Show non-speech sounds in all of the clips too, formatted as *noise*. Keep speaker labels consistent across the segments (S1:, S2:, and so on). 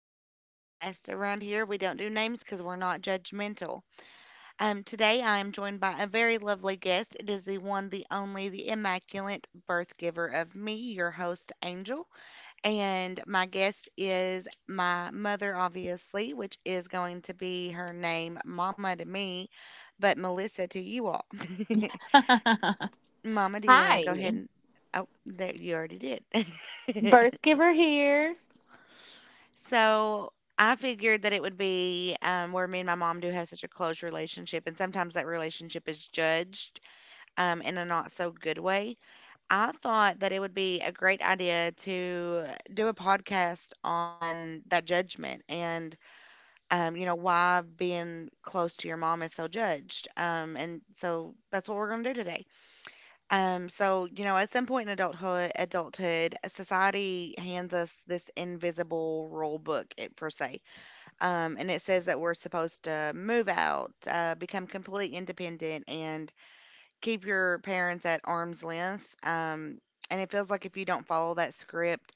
S1: Unnamed Podcast. Around here, we don't do names because we're not judgmental. Today, I am joined by a very lovely guest. It is the one, the only, the immaculate birth giver of me, your host, Angel. And my guest is my mother, obviously, which is going to be her name, Mama to me, but Melissa to you all. *laughs*
S2: *laughs*
S1: Mama, do you want to
S2: Hi,
S1: go ahead and. Oh, there, you already did. *laughs*
S2: birth giver here.
S1: So I figured that it would be, where me and my mom do have such a close relationship, and sometimes that relationship is judged in a not so good way. I thought that it would be a great idea to do a podcast on that judgment and why being close to your mom is so judged. And so that's what we're going to do today. So, at some point in adulthood, society hands us this invisible rule book, it, per se and it says that we're supposed to move out, become completely independent, and keep your parents at arm's length. And it feels like if you don't follow that script,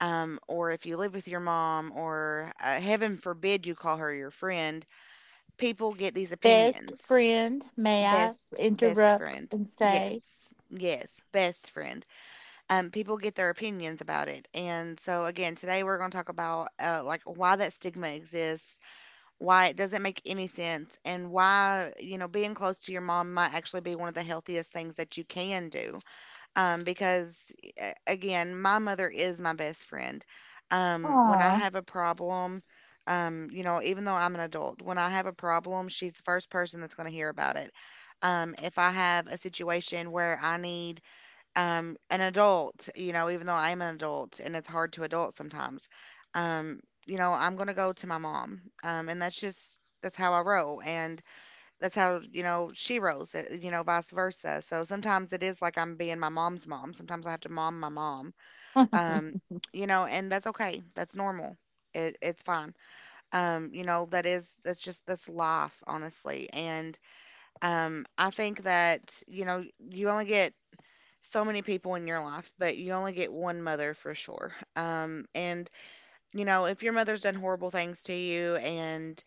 S1: or if you live with your mom, or heaven forbid you call her your friend, people get these
S2: Best
S1: opinions.
S2: friend, may I
S1: Best
S2: interrupt
S1: friend.
S2: and say?
S1: Yes, yes, best friend. People get their opinions about it. And so, again, today we're going to talk about like why that stigma exists, why it doesn't make any sense, and why, you know, being close to your mom might actually be one of the healthiest things that you can do, because again my mother is my best friend. When I
S2: Aw.
S1: have a problem, you know, even though I'm an adult, when I have a problem, she's the first person that's going to hear about it. If I have a situation where I need, an adult, you know, even though I'm an adult and it's hard to adult sometimes, um, you know, I'm going to go to my mom. And that's how I roll. And that's how, you know, she rolls, you know, vice versa. So sometimes it is like I'm being my mom's mom. Sometimes I have to mom my mom, um,
S2: *laughs*
S1: you know, and that's okay. That's normal. It's fine. You know, that's life, honestly. And I think that, you know, you only get so many people in your life, but you only get one mother for sure. And you know, if your mother's done horrible things to you and,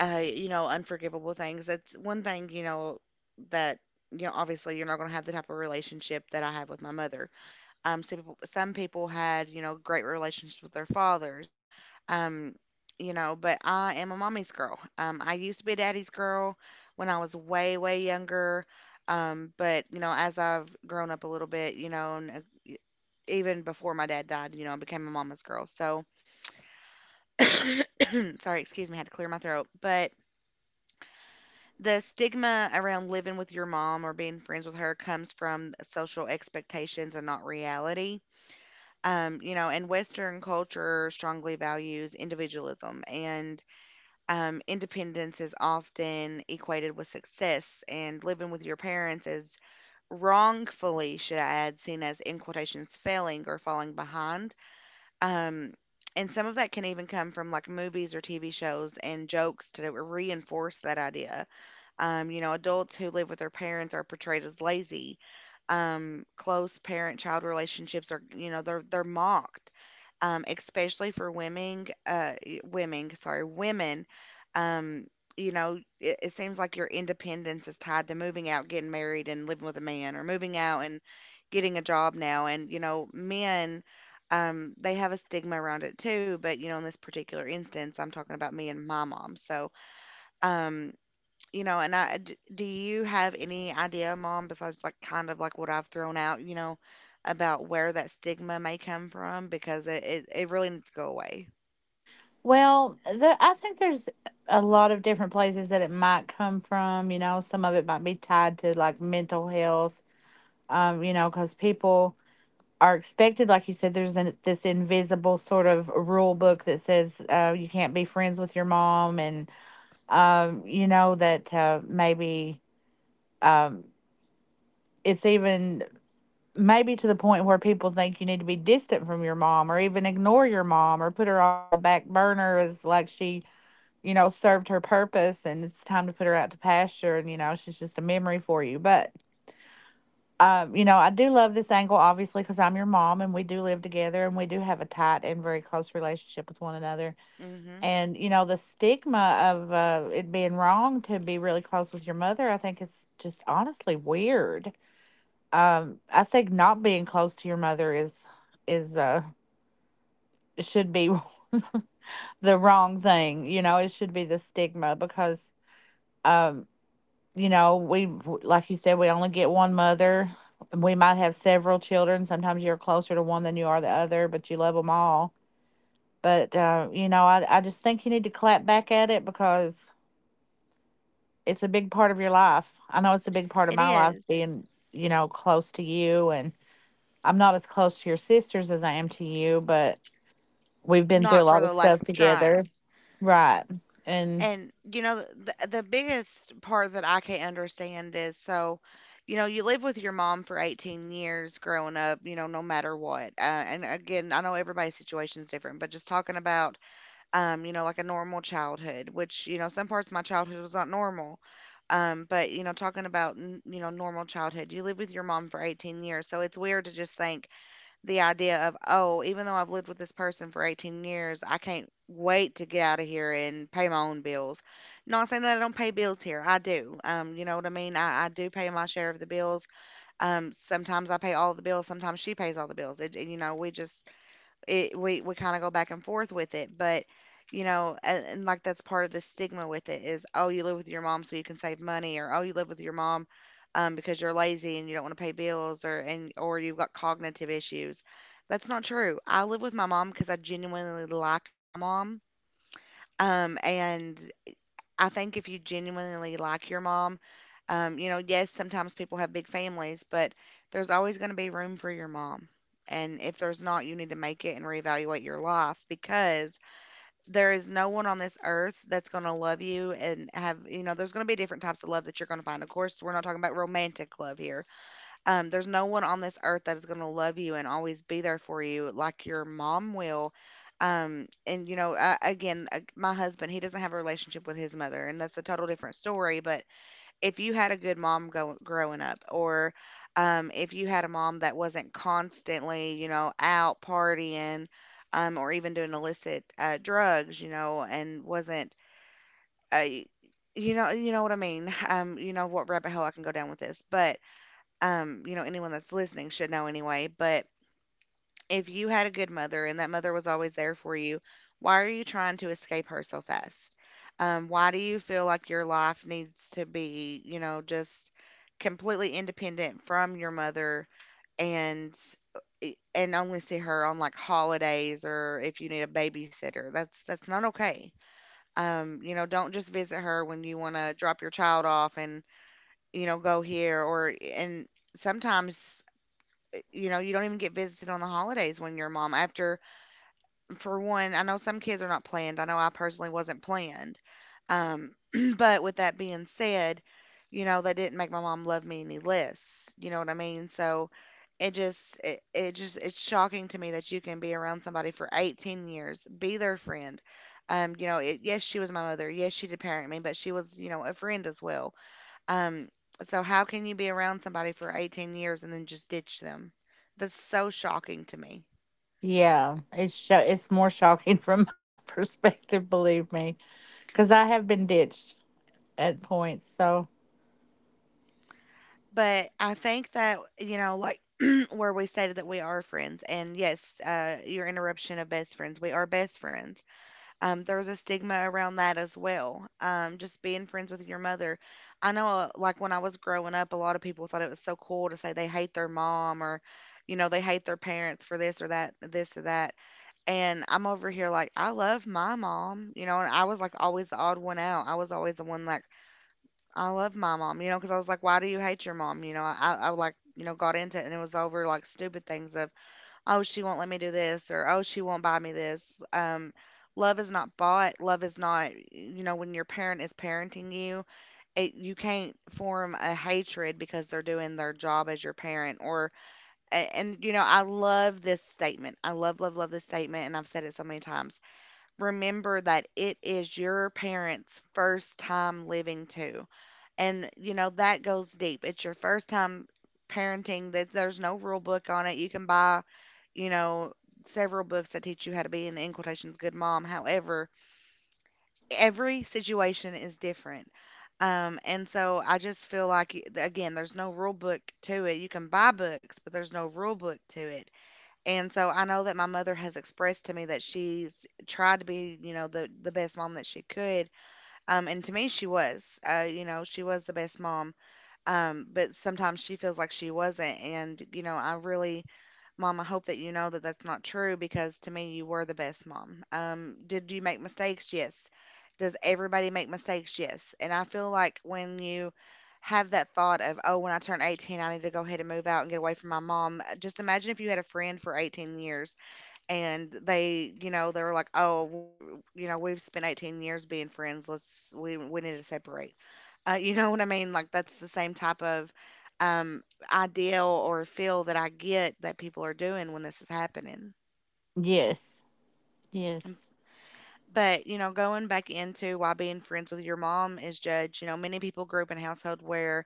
S1: you know, unforgivable things, that's one thing, you know, that, you know, obviously you're not going to have the type of relationship that I have with my mother. Some people, some people had, you know, great relationships with their fathers, um, you know, but I am a mommy's girl. I used to be a daddy's girl when I was way, way younger. But you know, as I've grown up a little bit, you know, and y- even before my dad died, you know, I became a mama's girl. So, *clears throat* sorry, excuse me, I had to clear my throat. But the stigma around living with your mom or being friends with her comes from social expectations and not reality. You know, and Western culture strongly values individualism, and independence is often equated with success, and living with your parents is, wrongfully, should I add, seen as in quotations failing or falling behind. Um, and some of that can even come from like movies or TV shows and jokes to reinforce that idea. You know, adults who live with their parents are portrayed as lazy. Close parent-child relationships are, you know, they're mocked, especially for women. Sorry, women. Um, you know, it seems like your independence is tied to moving out, getting married, and living with a man, or moving out and getting a job now. And you know, men, they have a stigma around it too. But you know, in this particular instance, I'm talking about me and my mom. So, um, you know, and I d do you have any idea, Mom, besides like kind of like what I've thrown out, you know, about where that stigma may come from? Because it really needs to go away.
S2: I think there's a lot of different places that it might come from. You know, some of it might be tied to like mental health, you know, because people are expected, like you said, this invisible sort of rule book that says you can't be friends with your mom, and you know, that maybe. Um, it's even maybe to the point where people think you need to be distant from your mom or even ignore your mom or put her on the back burner, as like she, you know, served her purpose and it's time to put her out to pasture, and you know, she's just a memory for you. But you know, I do love this angle obviously because I'm your mom and we do live together, and we do have a tight and very close relationship with one another.
S1: Hmm.
S2: And you know, the stigma of it being wrong to be really close with your mother, I think it's just honestly weird. I think not being close to your mother is is uh should be *laughs* the wrong thing. You know, it should be the stigma because um, you know, we, like you said, we only get one mother. We might have several children. Sometimes you're closer to one than you are the other, but you love them all. But you know, I just think you need to clap back at it because it's a big part of your life. I know it's a big part of
S1: It
S2: my life
S1: is.
S2: being, you know, close to you and. I'm not as close to your sisters as I am to you, but we've been through
S1: Not
S2: a
S1: for
S2: lot
S1: the
S2: of
S1: lack
S2: stuff
S1: of
S2: together.
S1: trying.
S2: Right. And
S1: And you know, the biggest part that I can't understand is, so, you know, you live with your mom for 18 years growing up, you know, no matter what. And again, I know everybody's situation is different, but just talking about, you know, like a normal childhood, which, you know, some parts of my childhood was not normal. But, you know, talking about, you know, normal childhood, you live with your mom for 18 years. So it's weird to just think the idea of, oh, even though I've lived with this person for 18 years, I can't wait to get out of here and pay my own bills. Not saying that I don't pay bills here. I do. You know what I mean? I do pay my share of the bills. Sometimes I pay all the bills. Sometimes she pays all the bills. It, you know, we just, it we kind of go back and forth with it, but you know, and like that's part of the stigma with it is, oh, you live with your mom so you can save money, or oh, you live with your mom because you're lazy and you don't want to pay bills, or and or you've got cognitive issues. That's not true. I live with my mom because I genuinely like my mom. And I think if you genuinely like your mom, you know, yes, sometimes people have big families, but there's always going to be room for your mom. And if there's not, you need to make it and reevaluate your life, because there is no one on this earth that's going to love you and have, you know, there's going to be different types of love that you're going to find. Of course, we're not talking about romantic love here. There's no one on this earth that is going to love you and always be there for you like your mom will. Again, my husband, he doesn't have a relationship with his mother, and that's a total different story. But if you had a good mom growing up, or if you had a mom that wasn't constantly, you know, out partying, or even doing illicit drugs, you know, and wasn't, uh, you know what I mean. *sighs* You know what rabbit hole I can go down with this, but you know, anyone that's listening should know anyway, but if you had a good mother and that mother was always there for you, why are you trying to escape her so fast? Why do you feel like your life needs to be, you know, just completely independent from your mother and only see her on like holidays or if you need a babysitter. That's not okay. You know, don't just visit her when you want to drop your child off and you know go here or eh, and sometimes, you know, you don't even get visited on the holidays when you're a mom. After, for one, I know some kids are not planned. I know I personally wasn't planned. Um, *clears throat* but with that being said, you know, that didn't make my mom love me any less. You know what I mean? So it just, it just, it's shocking to me that you can be around somebody for 18 years, be their friend. You know, it, yes, she was my mother. Yes, she did parent me, but she was, you know, a friend as well. Um, so how can you be around somebody for 18 years and then just ditch them? That's so shocking to me.
S2: yeah, it's more shocking *laughs* from my perspective, believe me, cuz I have been ditched at points. So,
S1: But I think that, you know, like *clears throat* where we stated that we are friends, and yes, your interruption of best friends, we are best friends. There's a stigma around that as well. Just being friends with your mother. I know, like when I was growing up, a lot of people thought it was so cool to say they hate their mom, or you know, they hate their parents for this or that, this or that. And I'm over here like, I love my mom, you know, and I was like always the odd one out. I was always the one like, I love my mom, because I was like, why do you hate your mom? I like, got into it and it was over like stupid things of, oh, she won't let me do this or, oh, she won't buy me this. Um, Love is not bought. Love is not, when your parent is parenting you, you can't form a hatred because they're doing their job as your parent or, and you know, I love this statement. I love, love, love this statement, and I've said it so many times. Remember that it is your parents' first time living too. And, you know, that goes deep. It's your first time parenting that there's no rule book on it. You can buy, you know, several books that teach you how to be an in quotations good mom. However, every situation is different. And so I just feel like again, there's no rule book to it. You can buy books, but there's no rule book to it. And so I know that my mother has expressed to me that she's tried to be, you know, the best mom that she could. And to me, she was. You know, she was the best mom. But sometimes she feels like she wasn't. And you know, I really, mom, I hope that you know that that's not true because to me, you were the best mom. Did you make mistakes? Yes. Does everybody make mistakes? Yes. And I feel like when you have that thought of, oh, when I turn 18, I need to go ahead and move out and get away from my mom. Just imagine if you had a friend for 18 years, and they, you know, they were like, oh, we you know we've spent 18 years being friends. Let's we we need to separate. You know what I mean? Like that's the same type of um ideal or feel that I get that people are doing when this is happening.
S2: yes.
S1: Um,
S2: Yes.
S1: but you know, going back into why being friends with your mom is judged, you know, many people grew up in a household where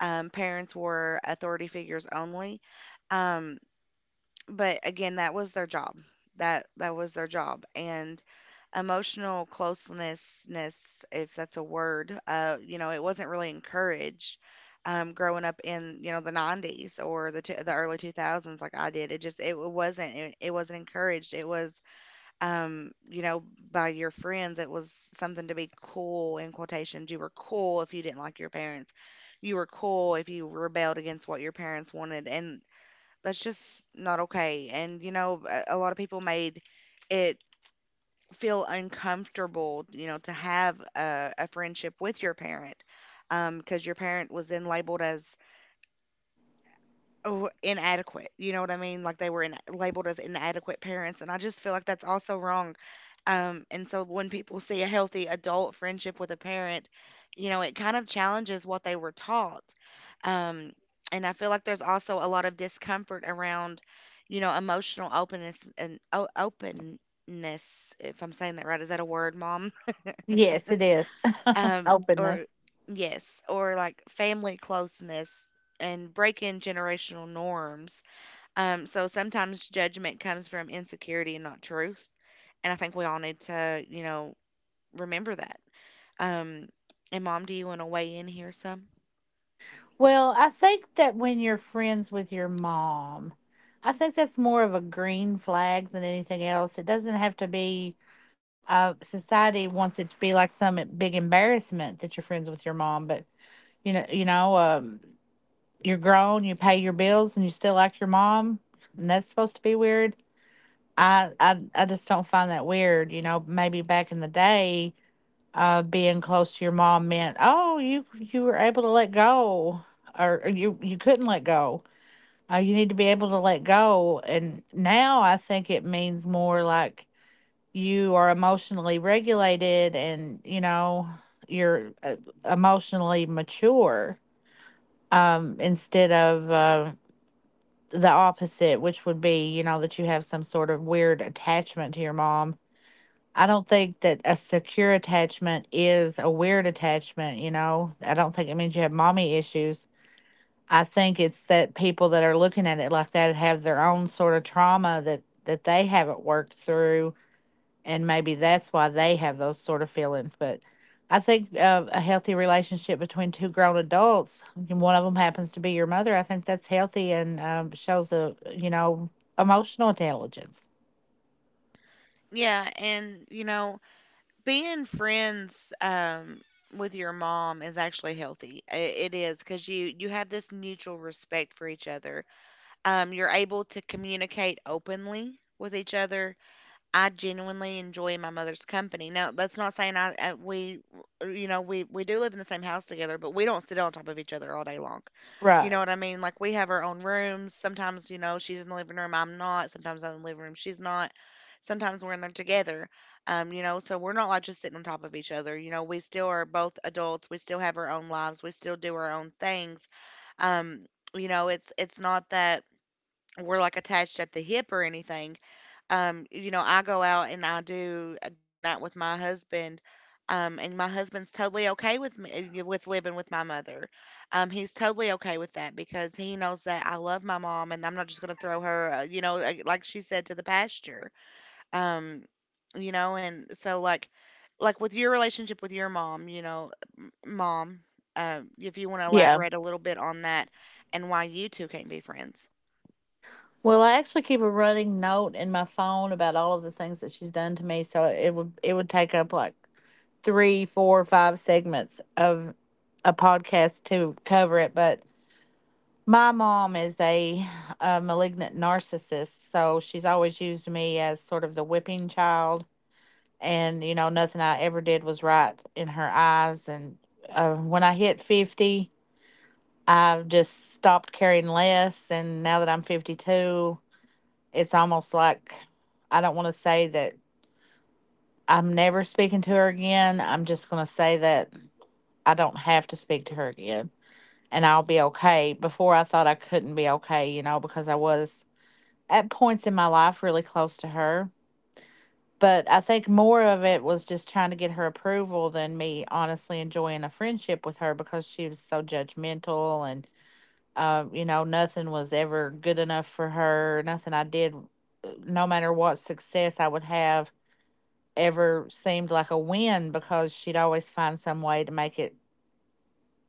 S1: parents were authority figures only. um, But again, that was their job. That was their job. And emotional closenessness, if that's a word, you know, it wasn't really encouraged, growing up in, you know, the 90s or the early 2000s, like I did. It just, it wasn't encouraged. It was you know, by your friends. It was something to be cool in quotations. You were cool if you didn't like your parents. You were cool if you rebelled against what your parents wanted, and that's just not okay. And you know, a lot of people made it feel uncomfortable, you know, to have a friendship with your parent, because your parent was then labeled as, oh, inadequate. You know what I mean? Like they were labeled as inadequate parents, and I just feel like that's also wrong. And so when people see a healthy adult friendship with a parent, you know, it kind of challenges what they were taught. um and I feel like there's also a lot of discomfort around, you know, emotional openness and openness, if I'm saying that right. Is that a word, mom?
S2: Yes, it is. *laughs* Openness.
S1: Or yes, or like family closeness and breaking generational norms. So sometimes judgment comes from insecurity and not truth. And I think we all need to, you know, remember that. Um, and mom, do you want to weigh in here some?
S2: Well, I think that when you're friends with your mom, I think that's more of a green flag than anything else. It doesn't have to be society wants it to be like some big embarrassment that you're friends with your mom. But you know, you know, um, you're grown, you pay your bills, and you still like your mom, and that's supposed to be weird. I just don't find that weird. You know, maybe back in the day, being close to your mom meant, oh, you were able to let go, or you couldn't let go. You need to be able to let go. And now I think it means more like you are emotionally regulated, and you know you're emotionally mature, instead of the opposite, which would be, you know, that you have some sort of weird attachment to your mom. I don't think that a secure attachment is a weird attachment. You know, I don't think it means you have mommy issues. I think it's that people that are looking at it like that have their own sort of trauma that they haven't worked through, and maybe that's why they have those sort of feelings. But I think a healthy relationship between two grown adults, and one of them happens to be your mother, I think that's healthy, and shows a, you know, emotional intelligence.
S1: Yeah, and you know, being friends with your mom is actually healthy. It is, because you have this mutual respect for each other. You're able to communicate openly with each other. I genuinely enjoy my mother's company. Now, that's not saying I we you know, we do live in the same house together, but we don't sit on top of each other all day long. You know
S2: Right.
S1: what I mean? Like we have our own rooms. Sometimes you know, she's in the living room, I'm not. Sometimes I'm in the living room, she's not. Sometimes we're in there together. You know, so we're not like just sitting on top of each other. You know, we still are both adults. We still have our own lives. We still do our own things. Um, you know, it's not that we're like attached at the hip or anything. You know, I go out and I do a date night with my husband, and my husband's totally okay with me with living with my mother. He's totally okay with that because he knows that I love my mom, and I'm not just going to throw her, you know, like she said, to the pasture. Um, you know, and so like with your relationship with your mom, you know, mom, if you want to
S2: Yeah.
S1: elaborate a little bit on that and why you two can't be friends.
S2: Well, I actually keep a running note in my phone about all of the things that she's done to me, so it would take up like three, four, five segments of a podcast to cover it, but my mom is a malignant narcissist, so she's always used me as sort of the whipping child. And, you know, nothing I ever did was right in her eyes. And when I hit 50, I just stopped caring less. And now that I'm 52, it's almost like I don't want to say that I'm never speaking to her again. I'm just going to say that I don't have to speak to her again, and I'll be okay. Before I thought I couldn't be okay, you know, because I was at points in my life really close to her. But I think more of it was just trying to get her approval than me honestly enjoying a friendship with her, because she was so judgmental and, you know, nothing was ever good enough for her. Nothing I did, no matter what success I would have, ever seemed like a win, because she'd always find some way to make it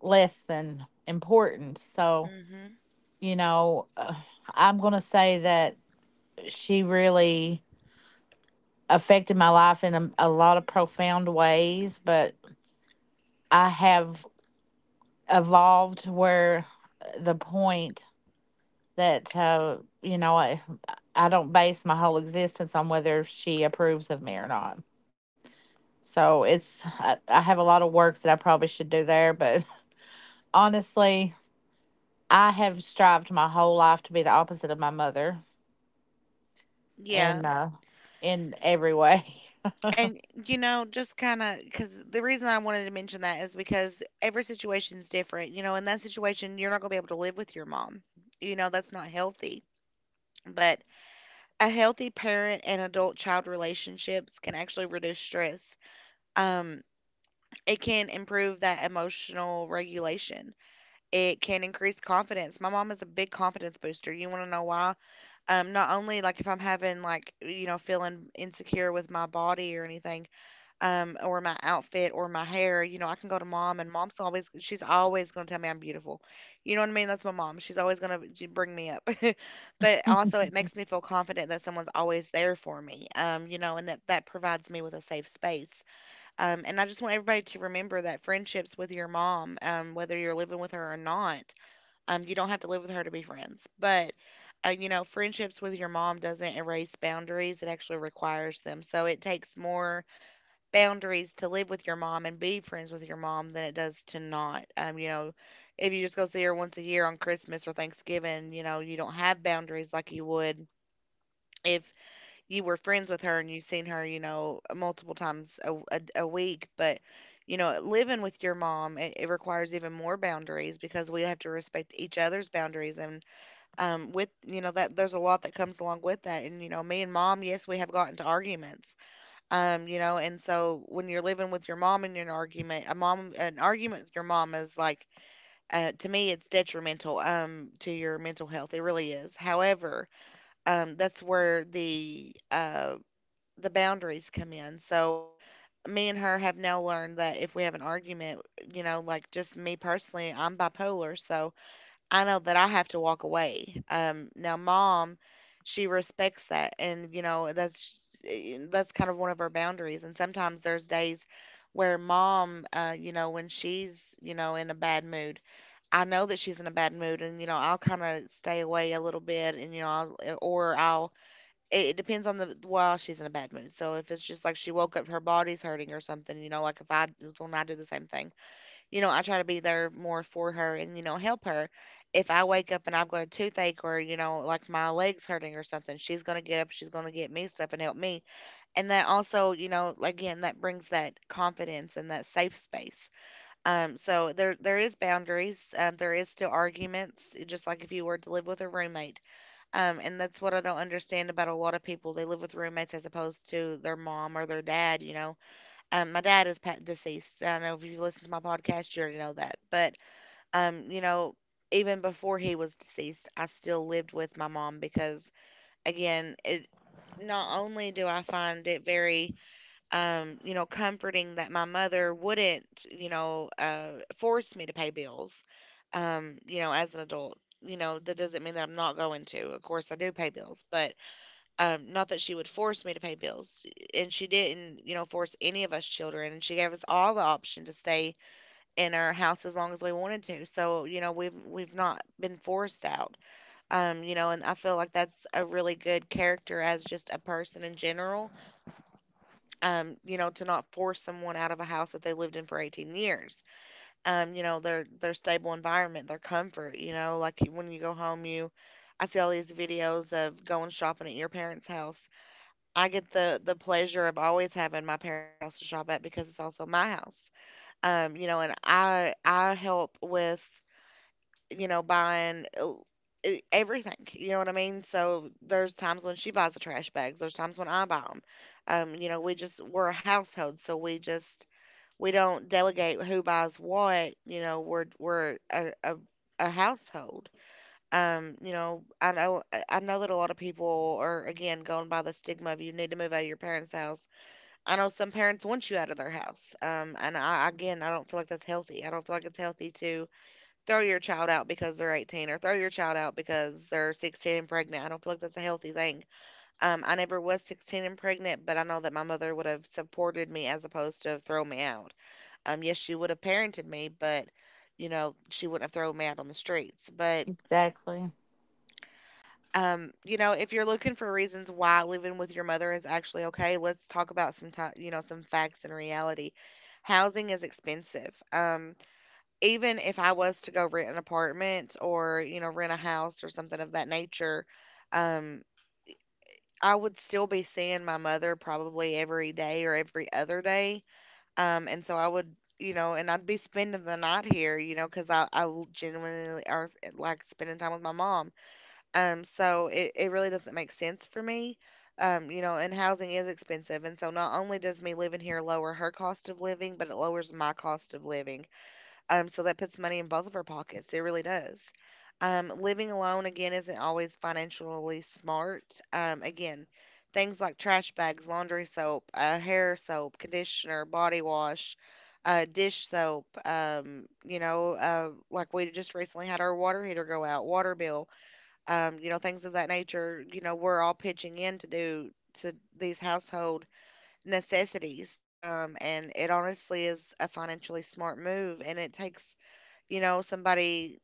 S2: less than important. So,
S1: Mm-hmm.
S2: you know, I'm going to say that she really affected my life in a lot of profound ways, but I have evolved to where the point that, you know, I don't base my whole existence on whether she approves of me or not. So it's, I have a lot of work that I probably should do there, but *laughs* honestly, I have strived my whole life to be the opposite of my mother, and,
S1: Yeah.
S2: in every way.
S1: And, you know, just kind of, because the reason I wanted to mention that is because every situation's different. You know, in that situation, you're not going to be able to live with your mom. You know, that's not healthy. But a healthy parent and adult child relationships can actually reduce stress. Um. It can improve that emotional regulation. It can increase confidence. My mom is a big confidence booster. You want to know why? Not only like if I'm having like, you know, feeling insecure with my body or anything, or my outfit or my hair, you know, I can go to mom, and mom's always, she's always gonna tell me I'm beautiful. You know what I mean? That's my mom. She's always gonna bring me up. *laughs* But also, it makes me feel confident that someone's always there for me. You know, and that provides me with a safe space. And I just want everybody to remember that friendships with your mom, whether you're living with her or not, you don't have to live with her to be friends. But, you know, friendships with your mom doesn't erase boundaries, it actually requires them. So it takes more boundaries to live with your mom and be friends with your mom than it does to not. You know, if you just go see her once a year on Christmas or Thanksgiving, you know, you don't have boundaries like you would. If you were friends with her and you've seen her, you know, multiple times a week. But, you know, living with your mom, it requires even more boundaries because we have to respect each other's boundaries. And with, you know, that there's a lot that comes along with that. And, you know, me and mom, yes, we have gotten to arguments. You know, and so when you're living with your mom in an argument, an argument with your mom is like, to me, it's detrimental, to your mental health. It really is. However, that's where the boundaries come in. So me and her have now learned that if we have an argument, you know, like just me personally, I'm bipolar, so I know that I have to walk away. Now mom, she respects that, and you know, that's kind of one of her boundaries. And sometimes there's days where mom, you know, when she's you know, in a bad mood, I know that she's in a bad mood, and you know, I'll kind of stay away a little bit, and you know, I'll, eh, or I'll, it depends on the while she's in a bad mood. So if it's just like she woke up, her body's hurting or something, you know, like if I when I do the same thing, you know, I try to be there more for her, and you know, help her. If I wake up and I've got a toothache or you know, like my legs hurting or something, she's gonna get up, she's gonna get me stuff and help me. And that also, you know, like, again, that brings that confidence and that safe space. So there is boundaries. There is still arguments, just like if you were to live with a roommate, and that's what I don't understand about a lot of people. They live with roommates as opposed to their mom or their dad, you know. My dad is deceased. I know if you listen to my podcast, you already know that. But, um, you know, even before he was deceased, I still lived with my mom again, it not only do I find it very, comforting that my mother wouldn't, force me to pay bills, as an adult. You know, that doesn't mean that I'm not going to. Of course, I do pay bills, but not that she would force me to pay bills, and she didn't, force any of us children. And she gave us all the option to stay in our house as long as we wanted to. So, you know, we've not been forced out. And I feel like that's a really good character as just a person in general. To not force someone out of a house that they lived in for 18 years. Their stable environment, their comfort, you know, like when you go home, you I see all these videos of going shopping at your parents' house. I get the pleasure of always having my parents' house to shop at because it's also my house. And I help with, you know, everything. You know what I mean? So there's times when she buys the trash bags, there's times when I buy them. We're a household, so we just we don't delegate who buys what, you know, we're a household. I know that a lot of people are, again, going by the stigma of you need to move out of your parents' house. I know some parents want you out of their house. And I, again, I don't feel like that's healthy. I don't feel like it's healthy to throw your child out because they're 18, or throw your child out because they're 16 and pregnant. I don't feel like that's a healthy thing. I never was 16 and pregnant, but I know that my mother would have supported me as opposed to throw me out. Yes, she would have parented me, but you know, she wouldn't have thrown me out on the streets.
S2: *laughs*
S1: But
S2: Exactly.
S1: Um, you know, if you're looking for reasons why living with your mother is actually okay, let's talk about some time, you know, some facts and reality. Housing is expensive. Even if I was to go rent an apartment or, you know, rent a house or something of that nature, um, I would still be seeing my mother probably every day or every other day. And so I would, you know, and I'd be spending the night here, you know, because I genuinely are like spending time with my mom. It really doesn't make sense for me. You know, and housing is expensive. And so not only does me living here lower her cost of living, but it lowers my cost of living. So that puts money in both of our pockets. It really does. Living alone, again, isn't always financially smart. Again, things like trash bags, laundry soap, hair soap, conditioner, body wash, dish soap. Like we just recently had our water heater go out, water bill, things of that nature, you know, we're all pitching in to these household necessities. And it honestly is a financially smart move. And it takes, you know, somebody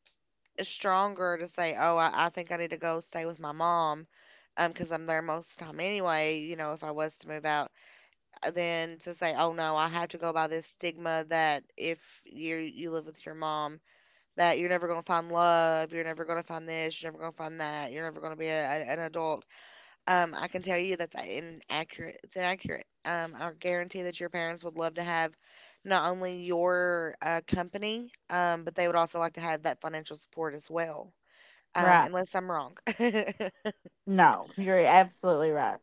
S1: stronger to say, oh, I think I need to go stay with my mom. Because I'm there most of the time anyway, you know, if I was to move out, then to say, oh no, I have to go by this stigma that if you live with your mom, that you're never going to find love, you're never going to find this, you're never going to find that, you're never going to be an adult. I can tell you that's inaccurate. It's inaccurate. I guarantee that your parents would love to have not only your company, but they would also like to have that financial support as well.
S2: Right.
S1: Unless I'm wrong. *laughs*
S2: No, you're absolutely right.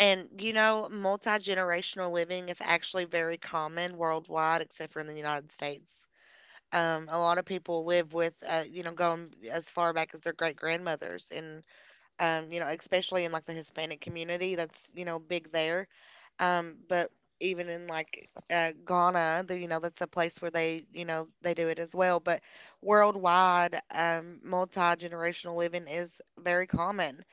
S1: And you know, multi generational living is actually very common worldwide, except for in the United States. A lot of people live with, going as far back as their great grandmothers, and especially in like the Hispanic community, that's you know big there. But even in like Ghana, the, you know, that's a place where they, you know, they do it as well. But worldwide, multi-generational living is very common.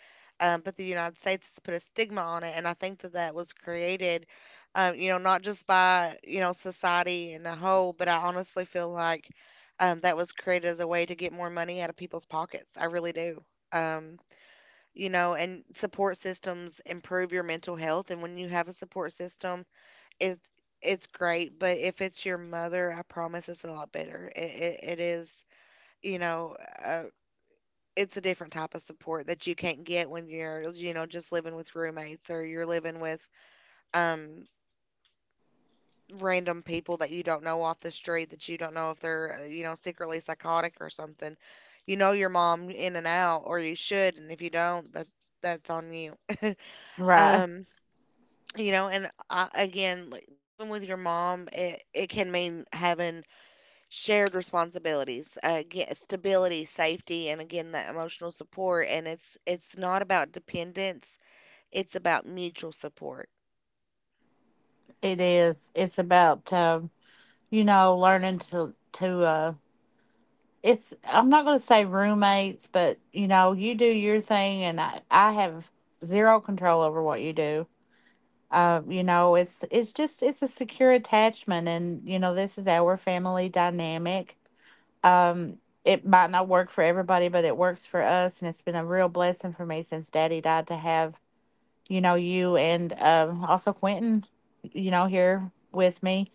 S1: But the United States has put a stigma on it, and I think that that was created, you know, not just by, you know, society in a whole, but I honestly feel like that was created as a way to get more money out of people's pockets. I really do. Um, you know, and support systems improve your mental health. And when you have a support system, it's it's great. But if it's your mother, I promise it's a lot better. It is, you know, uh, it's a different type of support that you can't get when you're, you know, just living with roommates or you're living with um random people that you don't know off the street, that you don't know if they're, you know, secretly psychotic or something. You know your mom in and out, or you should, and if you don't, that's on you.
S2: Right.
S1: Um, you know, and I, again, like, living with your mom, it can mean having shared responsibilities, stability, safety, and again, that emotional support, and it's not about dependence, it's about mutual support.
S2: It is. It's about you know, learning to to. It's. I'm not going to say roommates, but you know, you do your thing, and I have zero control over what you do. You know, it's just it's a secure attachment, and you know, this is our family dynamic. Um, it might not work for everybody, but it works for us, and it's been a real blessing for me since Daddy died to have, you know, you, and also Quentin, you know, here with me,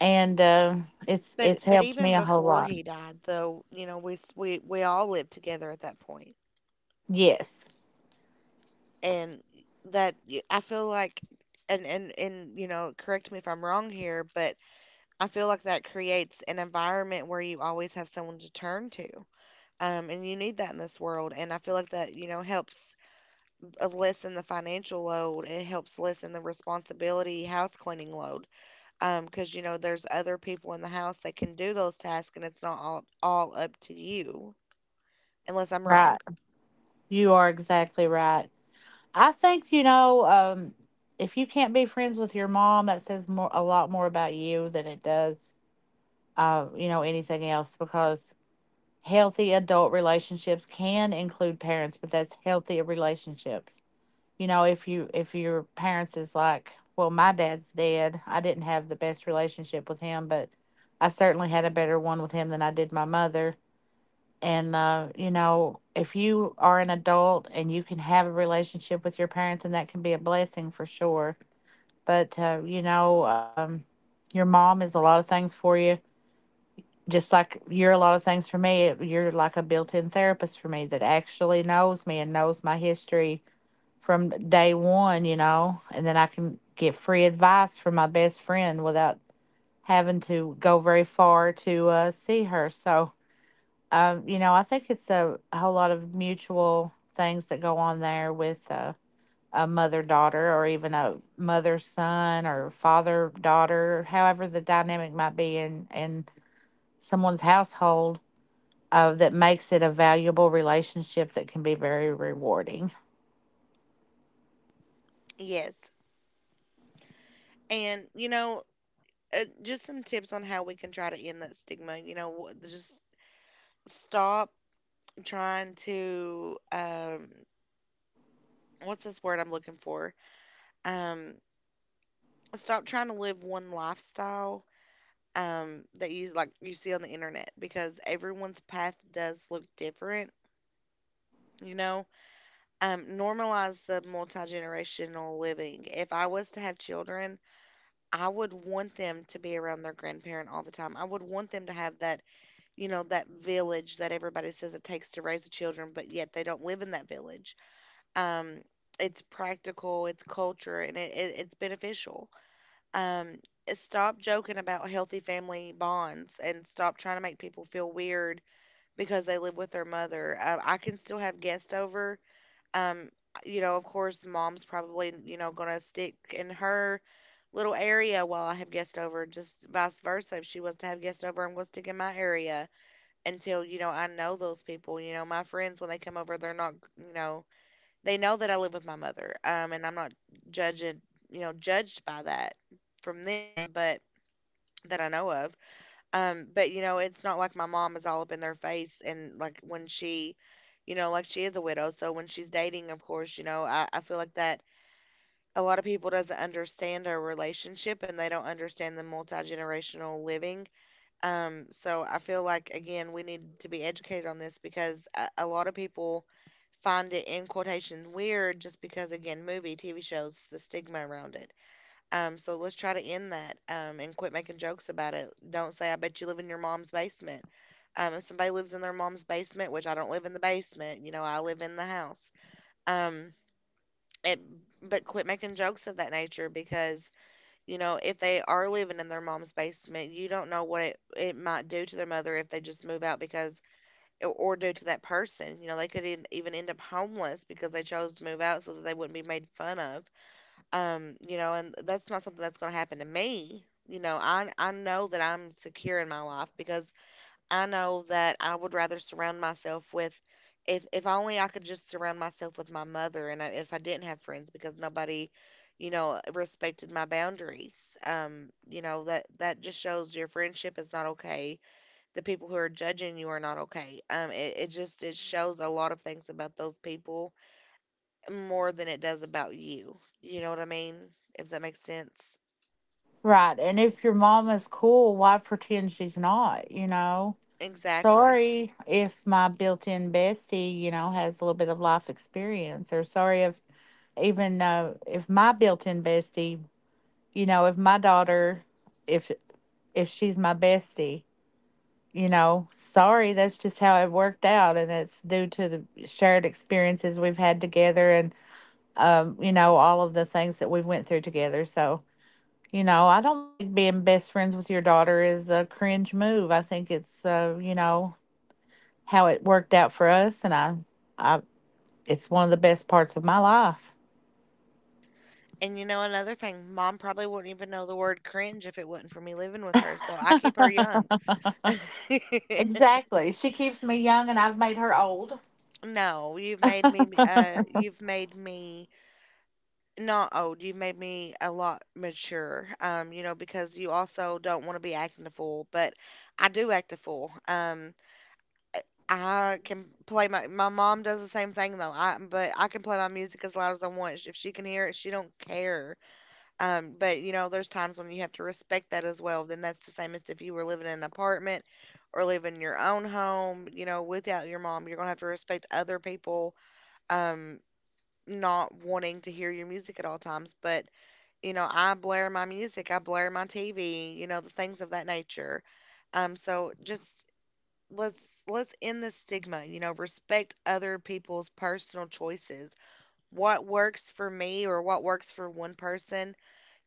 S2: and it's
S1: But
S2: it's
S1: but
S2: helped me
S1: even
S2: a whole
S1: before
S2: lot.
S1: he died, though, you know, we all lived together at that point,
S2: Yes,
S1: and I feel like, and and you know, correct me if I'm wrong here, but I feel like that creates an environment where you always have someone to turn to. And you need that in this world. And I feel like that, you know, helps lessen the financial load. It helps lessen the responsibility house cleaning load. 'Cause, you know, there's other people in the house that can do those tasks, and it's not all up to you, unless I'm
S2: right.
S1: wrong.
S2: You are exactly right. I think, you know, if you can't be friends with your mom, that says more, a lot more, about you than it does, you know, anything else, because healthy adult relationships can include parents, but that's healthy relationships. You know, if you, if your parents is like, well, my dad's dead. I didn't have the best relationship with him, but I certainly had a better one with him than I did my mother. And, you know, if you are an adult and you can have a relationship with your parents, and that can be a blessing for sure. But, you know, your mom is a lot of things for you, just like you're a lot of things for me. You're like a built in therapist for me that actually knows me and knows my history from day one, you know, and then I can get free advice from my best friend without having to go very far to see her. So, you know, I think it's a whole lot of mutual things that go on there with a mother daughter, or even a mother son or father daughter, however the dynamic might be in someone's household, that makes it a valuable relationship that can be very rewarding.
S1: Yes. And, you know, just some tips on how we can try to end that stigma. You know, just stop trying to, what's this word I'm looking for? Um, Stop trying to live one lifestyle, that you you see on the internet, because everyone's path does look different. You know, normalize the multi generational living. If I was to have children, I would want them to be around their grandparent all the time. I would want them to have that, you know, that village that everybody says it takes to raise the children, but yet they don't live in that village. Um, it's practical, it's culture, and it's beneficial. Um, Stop joking about healthy family bonds, and stop trying to make people feel weird because they live with their mother. I can still have guests over. Um, you know, of course, mom's probably, you know, going to stick in her little area while I have guests over, just vice versa. If she wants to have guests over, I'm going to stick in my area until, you know, I know those people. You know, my friends, when they come over, they're not, you know, they know that I live with my mother. And I'm not judging, you know, judged by that from them, but that I know of. But you know, it's not like my mom is all up in their face, and like when she, you know, like she is a widow. So when she's dating, of course, you know, I feel like that a lot of people doesn't understand our relationship, and they don't understand the multi-generational living. So I feel like again, we need to be educated on this because a lot of people find it in quotations weird, just because again, movie, TV shows, the stigma around it. So let's try to end that and quit making jokes about it. Don't say, I bet you live in your mom's basement. If somebody lives in their mom's basement, which I don't live in the basement, you know, I live in the house. Um, it, but quit making jokes of that nature because, you know, if they are living in their mom's basement, you don't know what it might do to their mother if they just move out because, or due to that person. You know, they could even end up homeless because they chose to move out so that they wouldn't be made fun of. You know, and that's not something that's going to happen to me. You know, I know that I'm secure in my life because I know that I would rather surround myself with, if only I could just surround myself with my mother and I, if I didn't have friends because nobody, you know, respected my boundaries. You know, that just shows your friendship is not okay, the people who are judging you are not okay. It just, it shows a lot of things about those people more than it does about you. You know what I mean? If that makes sense.
S2: Right. And if your mom is cool, why pretend she's not, you know?
S1: Exactly.
S2: Sorry if my built in bestie, you know, has a little bit of life experience, or sorry if even if my built-in bestie, you know, if my daughter, if if she's my bestie, you know, sorry, that's just how it worked out, and it's due to the shared experiences we've had together, and you know, all of the things that we've went through together. So, you know, I don't think being best friends with your daughter is a cringe move. I think it's, you know, how it worked out for us, and I, it's one of the best parts of my life.
S1: And you know another thing, mom probably wouldn't even know the word cringe if it wasn't for me living with her, so I keep her young. *laughs*
S2: Exactly. She keeps me young and I've made her old.
S1: No, you've made me not old. You've made me a lot mature. You know, because you also don't want to be acting a fool, but I do act a fool. I can play my mom does the same thing though. I, but I can play my music as loud as I want. If she can hear it, she don't care. But you know, there's times when you have to respect that as well. Then that's the same as if you were living in an apartment or living in your own home, you know, without your mom, you're gonna have to respect other people um not wanting to hear your music at all times. But, you know, I blare my music, I blare my TV, you know, the things of that nature. So just Let's end the stigma, you know, respect other people's personal choices. What works for me or what works for one person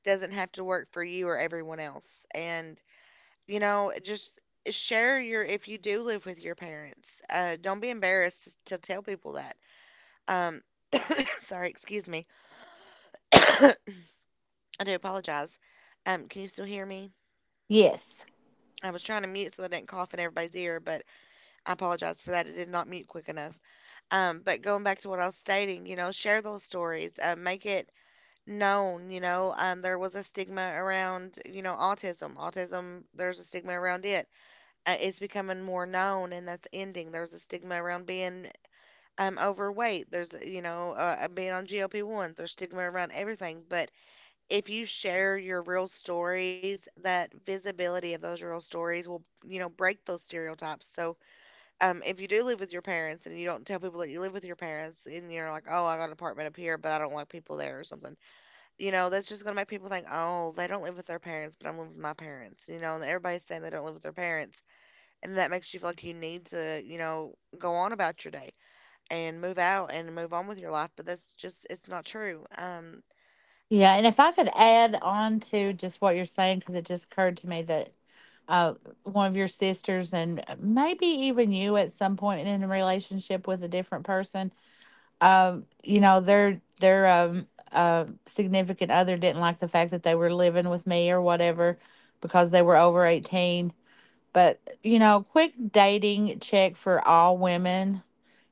S1: doesn't have to work for you or everyone else. And, you know, just share your, if you do live with your parents, don't be embarrassed to tell people that. um *coughs* Sorry, excuse me. I do apologize. Can you still hear me?
S2: Yes.
S1: I was trying to mute so I didn't cough in everybody's ear, but I apologize for that, it did not mute quick enough. But going back to what I was stating, you know, share those stories, make it known. You know, there was a stigma around, you know, autism. Autism, there's a stigma around it. It's becoming more known, and that's ending. There's a stigma around being overweight. There's, you know, being on GLP-1s. There's stigma around everything. But if you share your real stories, that visibility of those real stories will, you know, break those stereotypes. So if you do live with your parents and you don't tell people that you live with your parents and you're like, oh, I got an apartment up here, but I don't like people there or something, you know, that's just going to make people think, oh, they don't live with their parents, but I'm living with my parents, you know, and everybody's saying they don't live with their parents. And that makes you feel like you need to, you know, go on about your day and move out and move on with your life. But that's just, it's not true.
S2: Yeah. And if I could add on to just what you're saying, because it just occurred to me that uh, one of your sisters, and maybe even you at some point in a relationship with a different person, you know, their significant other didn't like the fact that they were living with me or whatever, because they were over 18. But, you know, quick dating check for all women: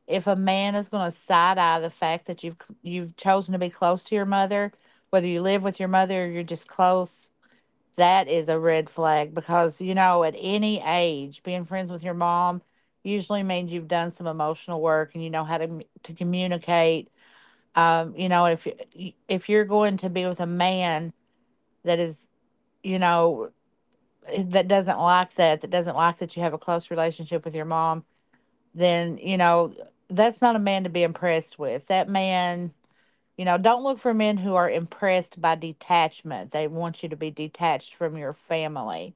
S2: if a man is going to side eye the fact that you've chosen to be close to your mother, whether you live with your mother or you're just close, that is a red flag, because you know, at any age, being friends with your mom usually means you've done some emotional work and you know how to communicate. You know, if you're going to be with a man that is, you know, eh, that doesn't like that you have a close relationship with your mom, then you know, that's not a man to be impressed with. That man, you know, don't look for men who are impressed by detachment. They want you to be detached from your family.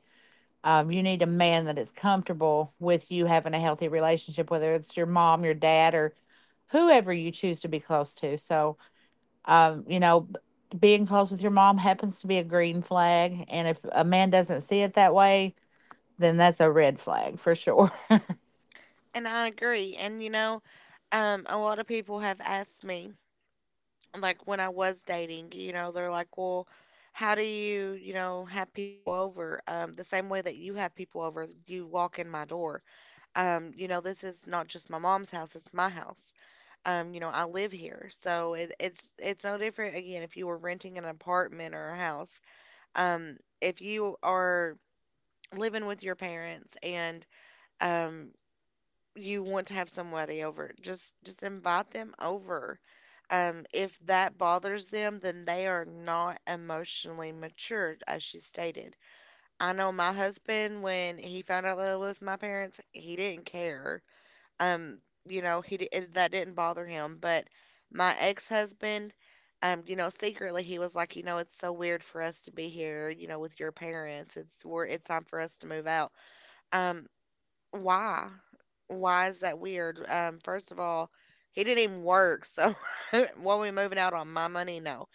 S2: You need a man that is comfortable with you having a healthy relationship, whether it's your mom, your dad, or whoever you choose to be close to. So you know, being close with your mom happens to be a green flag, and if a man doesn't see it that way, then that's a red flag for sure.
S1: And I agree. And, you know, a lot of people have asked me like when I was dating, you know, they're like, well, how do you, you know, have people over? The same way that you have people over, you walk in my door. You know, this is not just my mom's house, it's my house. You know, I live here. So it's no different again if you were renting an apartment or a house. If you are living with your parents and um you want to have somebody over, just invite them over. If that bothers them, then they are not emotionally matured, as she stated. I know my husband, when he found out that I was with my parents, he didn't care. Um, you know, that didn't bother him. But my ex-husband, you know, secretly he was like, you know, it's so weird for us to be here, you know, with your parents. It's time for us to move out. Um, why? Why is that weird? First of all, he didn't even work, so *laughs* what are we moving out on my money? No.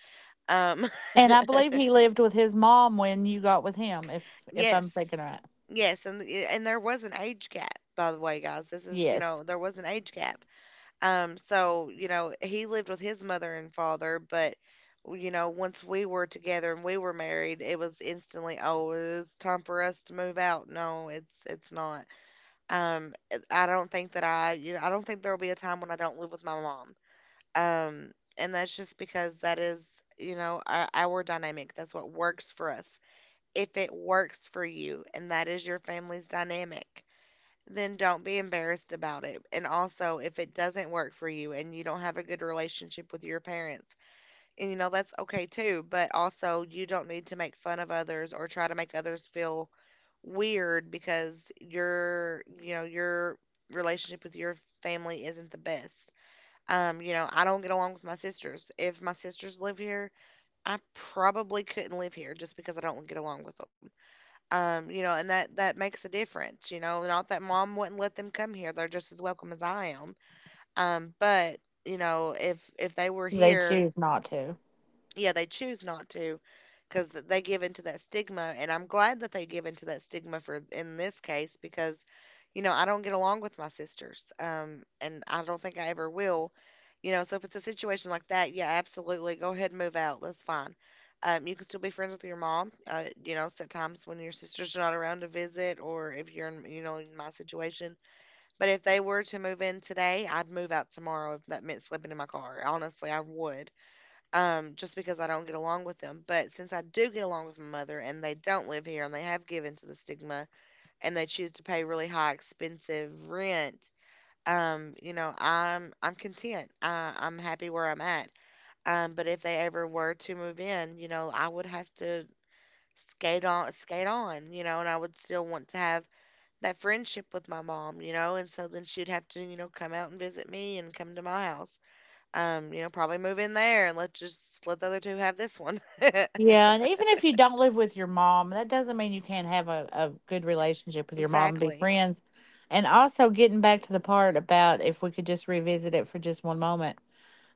S1: Um, *laughs*
S2: And I believe he lived with his mom when you got with him, if I'm
S1: yes,
S2: thinking right.
S1: yes, and and there was an age gap, by the way, guys. This is, you
S2: Yes,
S1: know, there was an age gap. So you know, he lived with his mother and father, but you know, once we were together and we were married, it was instantly, oh, it's time for us to move out. No, it's not. I don't think that I, you know, I don't think there will be a time when I don't live with my mom. Um, and that's just because that is, you know, our dynamic. That's what works for us. If it works for you and that is your family's dynamic, then don't be embarrassed about it. And also, if it doesn't work for you and you don't have a good relationship with your parents, and you know, that's okay too, but also you don't need to make fun of others or try to make others feel weird because your, you know, your relationship with your family isn't the best. You know, I don't get along with my sisters. If my sisters live here, I probably couldn't live here just because I don't get along with them. You know, and that makes a difference. You know, not that mom wouldn't let them come here, they're just as welcome as I am. But you know, if they were
S2: they
S1: here,
S2: choose not to.
S1: yeah, they choose not to because they give into that stigma. And I'm glad that they give into that stigma for in this case because, you know, I don't get along with my sisters. And I don't think I ever will. You know, so if it's a situation like that, yeah, absolutely. Go ahead and move out. That's fine. You can still be friends with your mom. You know, at times when your sisters are not around to visit, or if you're in, you know, in my situation. But if they were to move in today, I'd move out tomorrow if that meant sleeping in my car. Honestly, I would, just because I don't get along with them. But since I do get along with my mother and they don't live here and they have given to the stigma and they choose to pay really high expensive rent, you know, I'm content. I'm happy where I'm at. But if they ever were to move in, you know, I would have to skate on, you know, and I would still want to have that friendship with my mom, you know, and so then she'd have to, you know, come out and visit me and come to my house. You know, probably move in there and let the other two have this one. *laughs*
S2: Yeah, and even if you don't live with your mom, that doesn't mean you can't have a good relationship with your mom and be
S1: Exactly.
S2: friends. And also getting back to the part about, if we could just revisit it for just one moment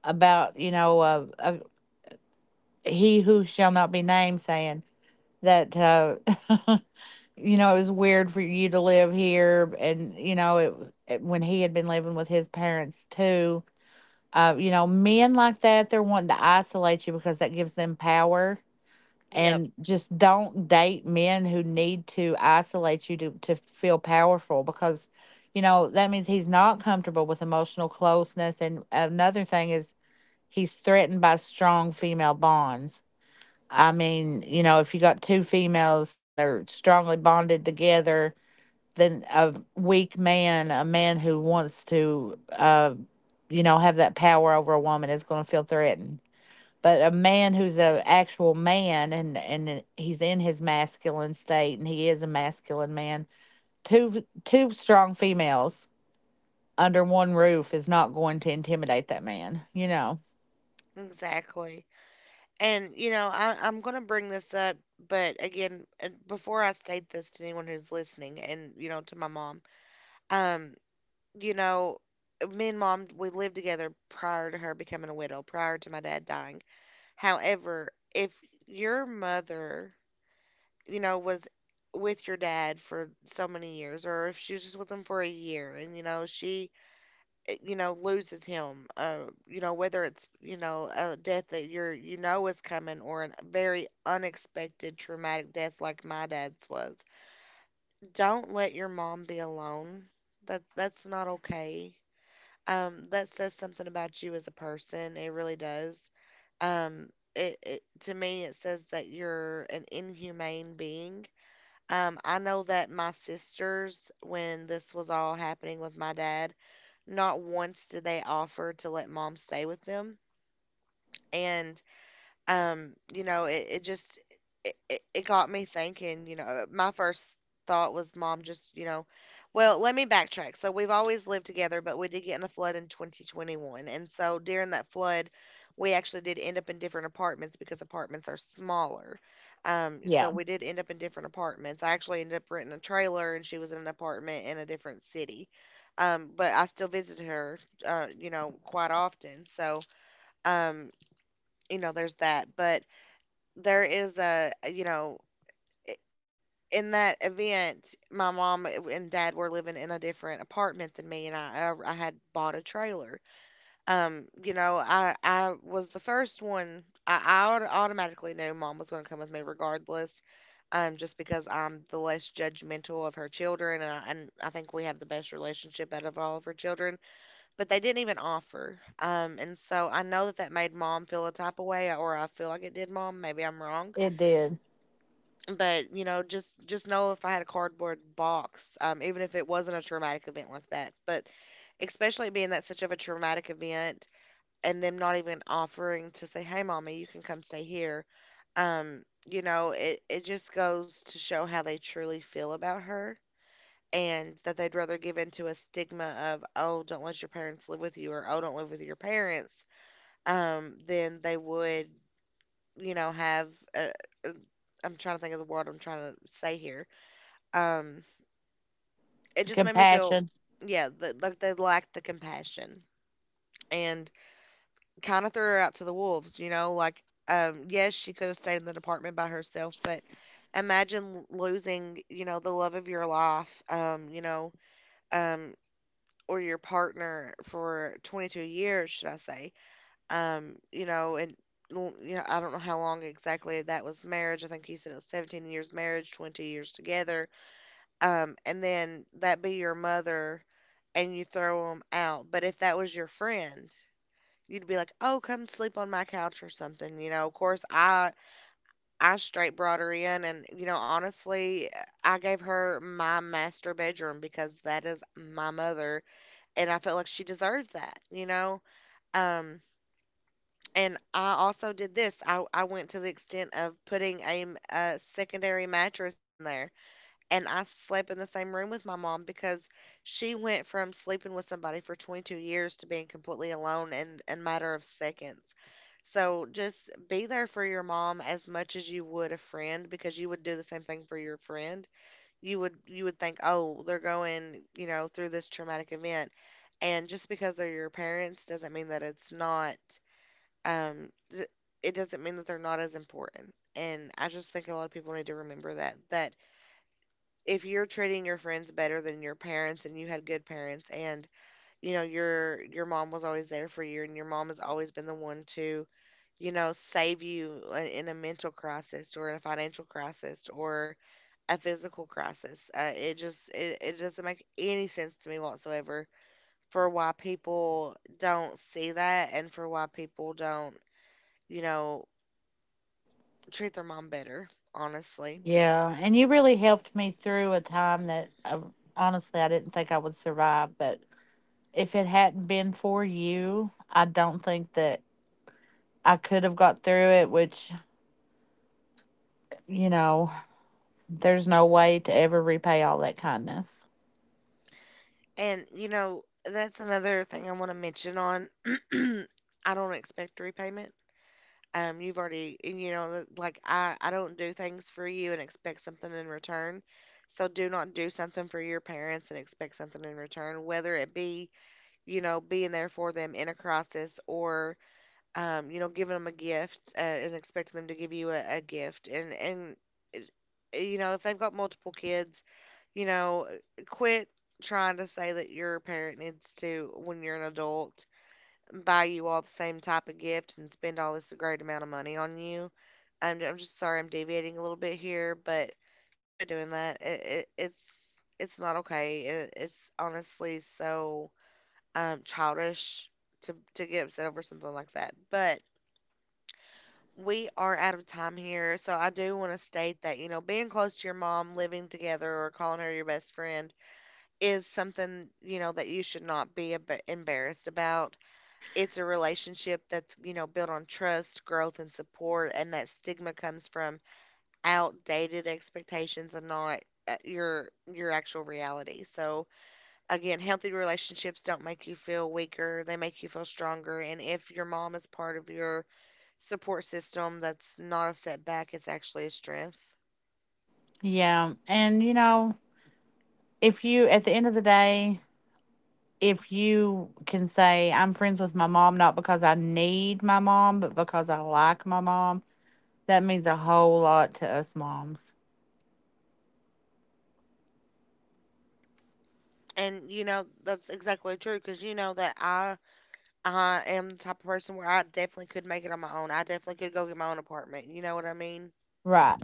S2: about, you know, he who shall not be named saying that *laughs* you know, it was weird for you to live here, and you know, when he had been living with his parents too. You know, men like that, they're wanting to isolate you because that gives them power.
S1: Yep.
S2: And just don't date men who need to isolate you to feel powerful, because you know, that means he's not comfortable with emotional closeness. And another thing is, he's threatened by strong female bonds. I mean, you know, if you got two females and they're strongly bonded together, then a weak man, a man who wants to, you know, have that power over a woman, is going to feel threatened. But a man who's an actual man, and he's in his masculine state, and he is a masculine man, two strong females under one roof is not going to intimidate that man. You know.
S1: Exactly. And you know, I'm going to bring this up, but again, before I state this to anyone who's listening, and you know, to my mom, um, you know, me and mom we lived together prior to her becoming a widow, prior to my dad dying. However, if your mother, you know, was with your dad for so many years, or if she was just with him for a year, and you know, you know, loses him, you know, whether it's, you know, a death that you're, you know, is coming, or a very unexpected traumatic death like my dad's was. Don't let your mom be alone. That's not okay. That says something about you as a person. It really does. Um it, it To me, it says that you're an inhumane being. I know that my sisters, when this was all happening with my dad, not once did they offer to let mom stay with them. And you know, it just, it got me thinking, you know. My first thought was mom just, you know, well, let me backtrack. So we've always lived together, but we did get in a flood in 2021, and so during that flood, we actually did end up in different apartments because apartments are smaller. So
S2: Yeah,
S1: we did end up in different apartments. I actually ended up renting a trailer, and she was in an apartment in a different city. But I still visit her, you know, quite often. So um you know, there's that. But there is a, you know, i- in that event, my mom and dad were living in a different apartment than me, and I had bought a trailer. You know, I was the first one. I automatically knew mom was going to come with me regardless, just because I'm the less judgmental of her children, and I think we have the best relationship out of all of her children. But they didn't even offer, and so I know that that made mom feel a type of way, or I feel like it did mom. Maybe I'm wrong.
S2: it did.
S1: But, you know, just know, if I had a cardboard box, even if it wasn't a traumatic event like that. But especially being that such of a traumatic event, and them not even offering to say, "Hey mommy, you can come stay here." You know, it just goes to show how they truly feel about her, and that they'd rather give in to a stigma of, oh, don't let your parents live with you, or oh, don't live with your parents, than they would, you know, have a, a I'm trying to think of the word I'm trying to say here. Um, it just made me feel,
S2: Compassion.
S1: yeah, that like they lacked the compassion and kind of threw her out to the wolves, you know, like, yes, she could have stayed in the department by herself. But imagine losing, you know, the love of your life, um, or your partner for 22 years, should I say. You know, and you know, I don't know how long exactly that was marriage. I think you said it was 17 years marriage, 22 years together. And then that be your mother and you throw them out. But if that was your friend, you'd be like, "Oh, come sleep on my couch or something." You know, of course, I straight brought her in, and you know, honestly, I gave her my master bedroom because that is my mother, and I felt like she deserved that. Um. And I also did this. I went to the extent of putting a, a secondary mattress in there, and I slept in the same room with my mom because she went from sleeping with somebody for 22 years to being completely alone in a matter of seconds. So just be there for your mom as much as you would a friend, because you would do the same thing for your friend. You would think, "Oh, they're going, you know, through this traumatic event." And just because they're your parents doesn't mean that it's not um d- it doesn't mean that they're not as important. And I just think a lot of people need to remember that, that if you're treating your friends better than your parents, and you had good parents, and you know, your mom was always there for you, and your mom has always been the one to, you know, save you in a mental crisis, or in a financial crisis, or a physical crisis. It just it doesn't make any sense to me whatsoever for why people don't see that, and for why people don't, you know, treat their mom better, honestly.
S2: Yeah, and you really helped me through a time that honestly I didn't think I would survive. But if it hadn't been for you, I don't think that I could have got through it, which, you know, there's no way to ever repay all that kindness.
S1: And, you know, that's another thing I want to mention on. *clears throat* I don't expect repayment. You've already, and, you know, like I don't do things for you and expect something in return. So do not do something for your parents and expect something in return, whether it be, you know, being there for them in a crisis, or you know, giving them a gift, and expecting them to give you a gift. It- you know, if they've got multiple kids, you know, quit trying to say that your parent needs to, when you're an adult, buy you all the same type of gift and spend all this great amount of money on you. I'm just sorry, I'm deviating a little bit here, but quit doing that. It's not okay. It's honestly so childish to get upset over something like that. But we are out of time here, so I do want to state that, you know, being close to your mom, living together, or calling her your best friend is something, you know, that you should not be embarrassed about. It's a relationship that's, you know, built on trust, growth, and support, and that stigma comes from outdated expectations and not your actual reality. So again, healthy relationships don't make you feel weaker, they make you feel stronger. And if your mom is part of your support system, that's not a setback, it's actually a strength.
S2: Yeah. And, you know, if you, at the end of the day, if you can say, I'm friends with my mom, not because I need my mom, but because I like my mom, that means a whole lot to us moms.
S1: And you know, that's exactly true, because you know that I am the type of person where I definitely could make it on my own. I definitely could go get my own apartment. You know what I mean?
S2: Right.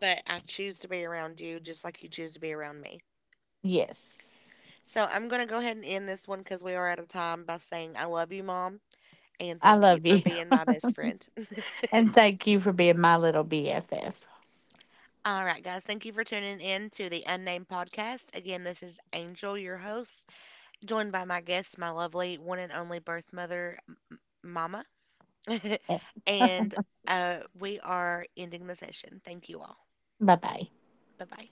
S1: But I choose to be around you just like you choose to be around me.
S2: Yes.
S1: So I'm gonna go ahead and end this one because we are out of time, by saying I love you, mom, and
S2: I
S1: thank you
S2: love
S1: for
S2: you.
S1: being
S2: *laughs*
S1: my best friend. *laughs*
S2: And thank you for being my little BFF.
S1: All right, guys, thank you for tuning in to the Unnamed Podcast. Again, this is Angel, your host, joined by my guest, my lovely one and only birth mother, Mama. *laughs*
S2: *laughs* Bye
S1: And we are ending the session. Thank you all.
S2: bye.
S1: Bye bye.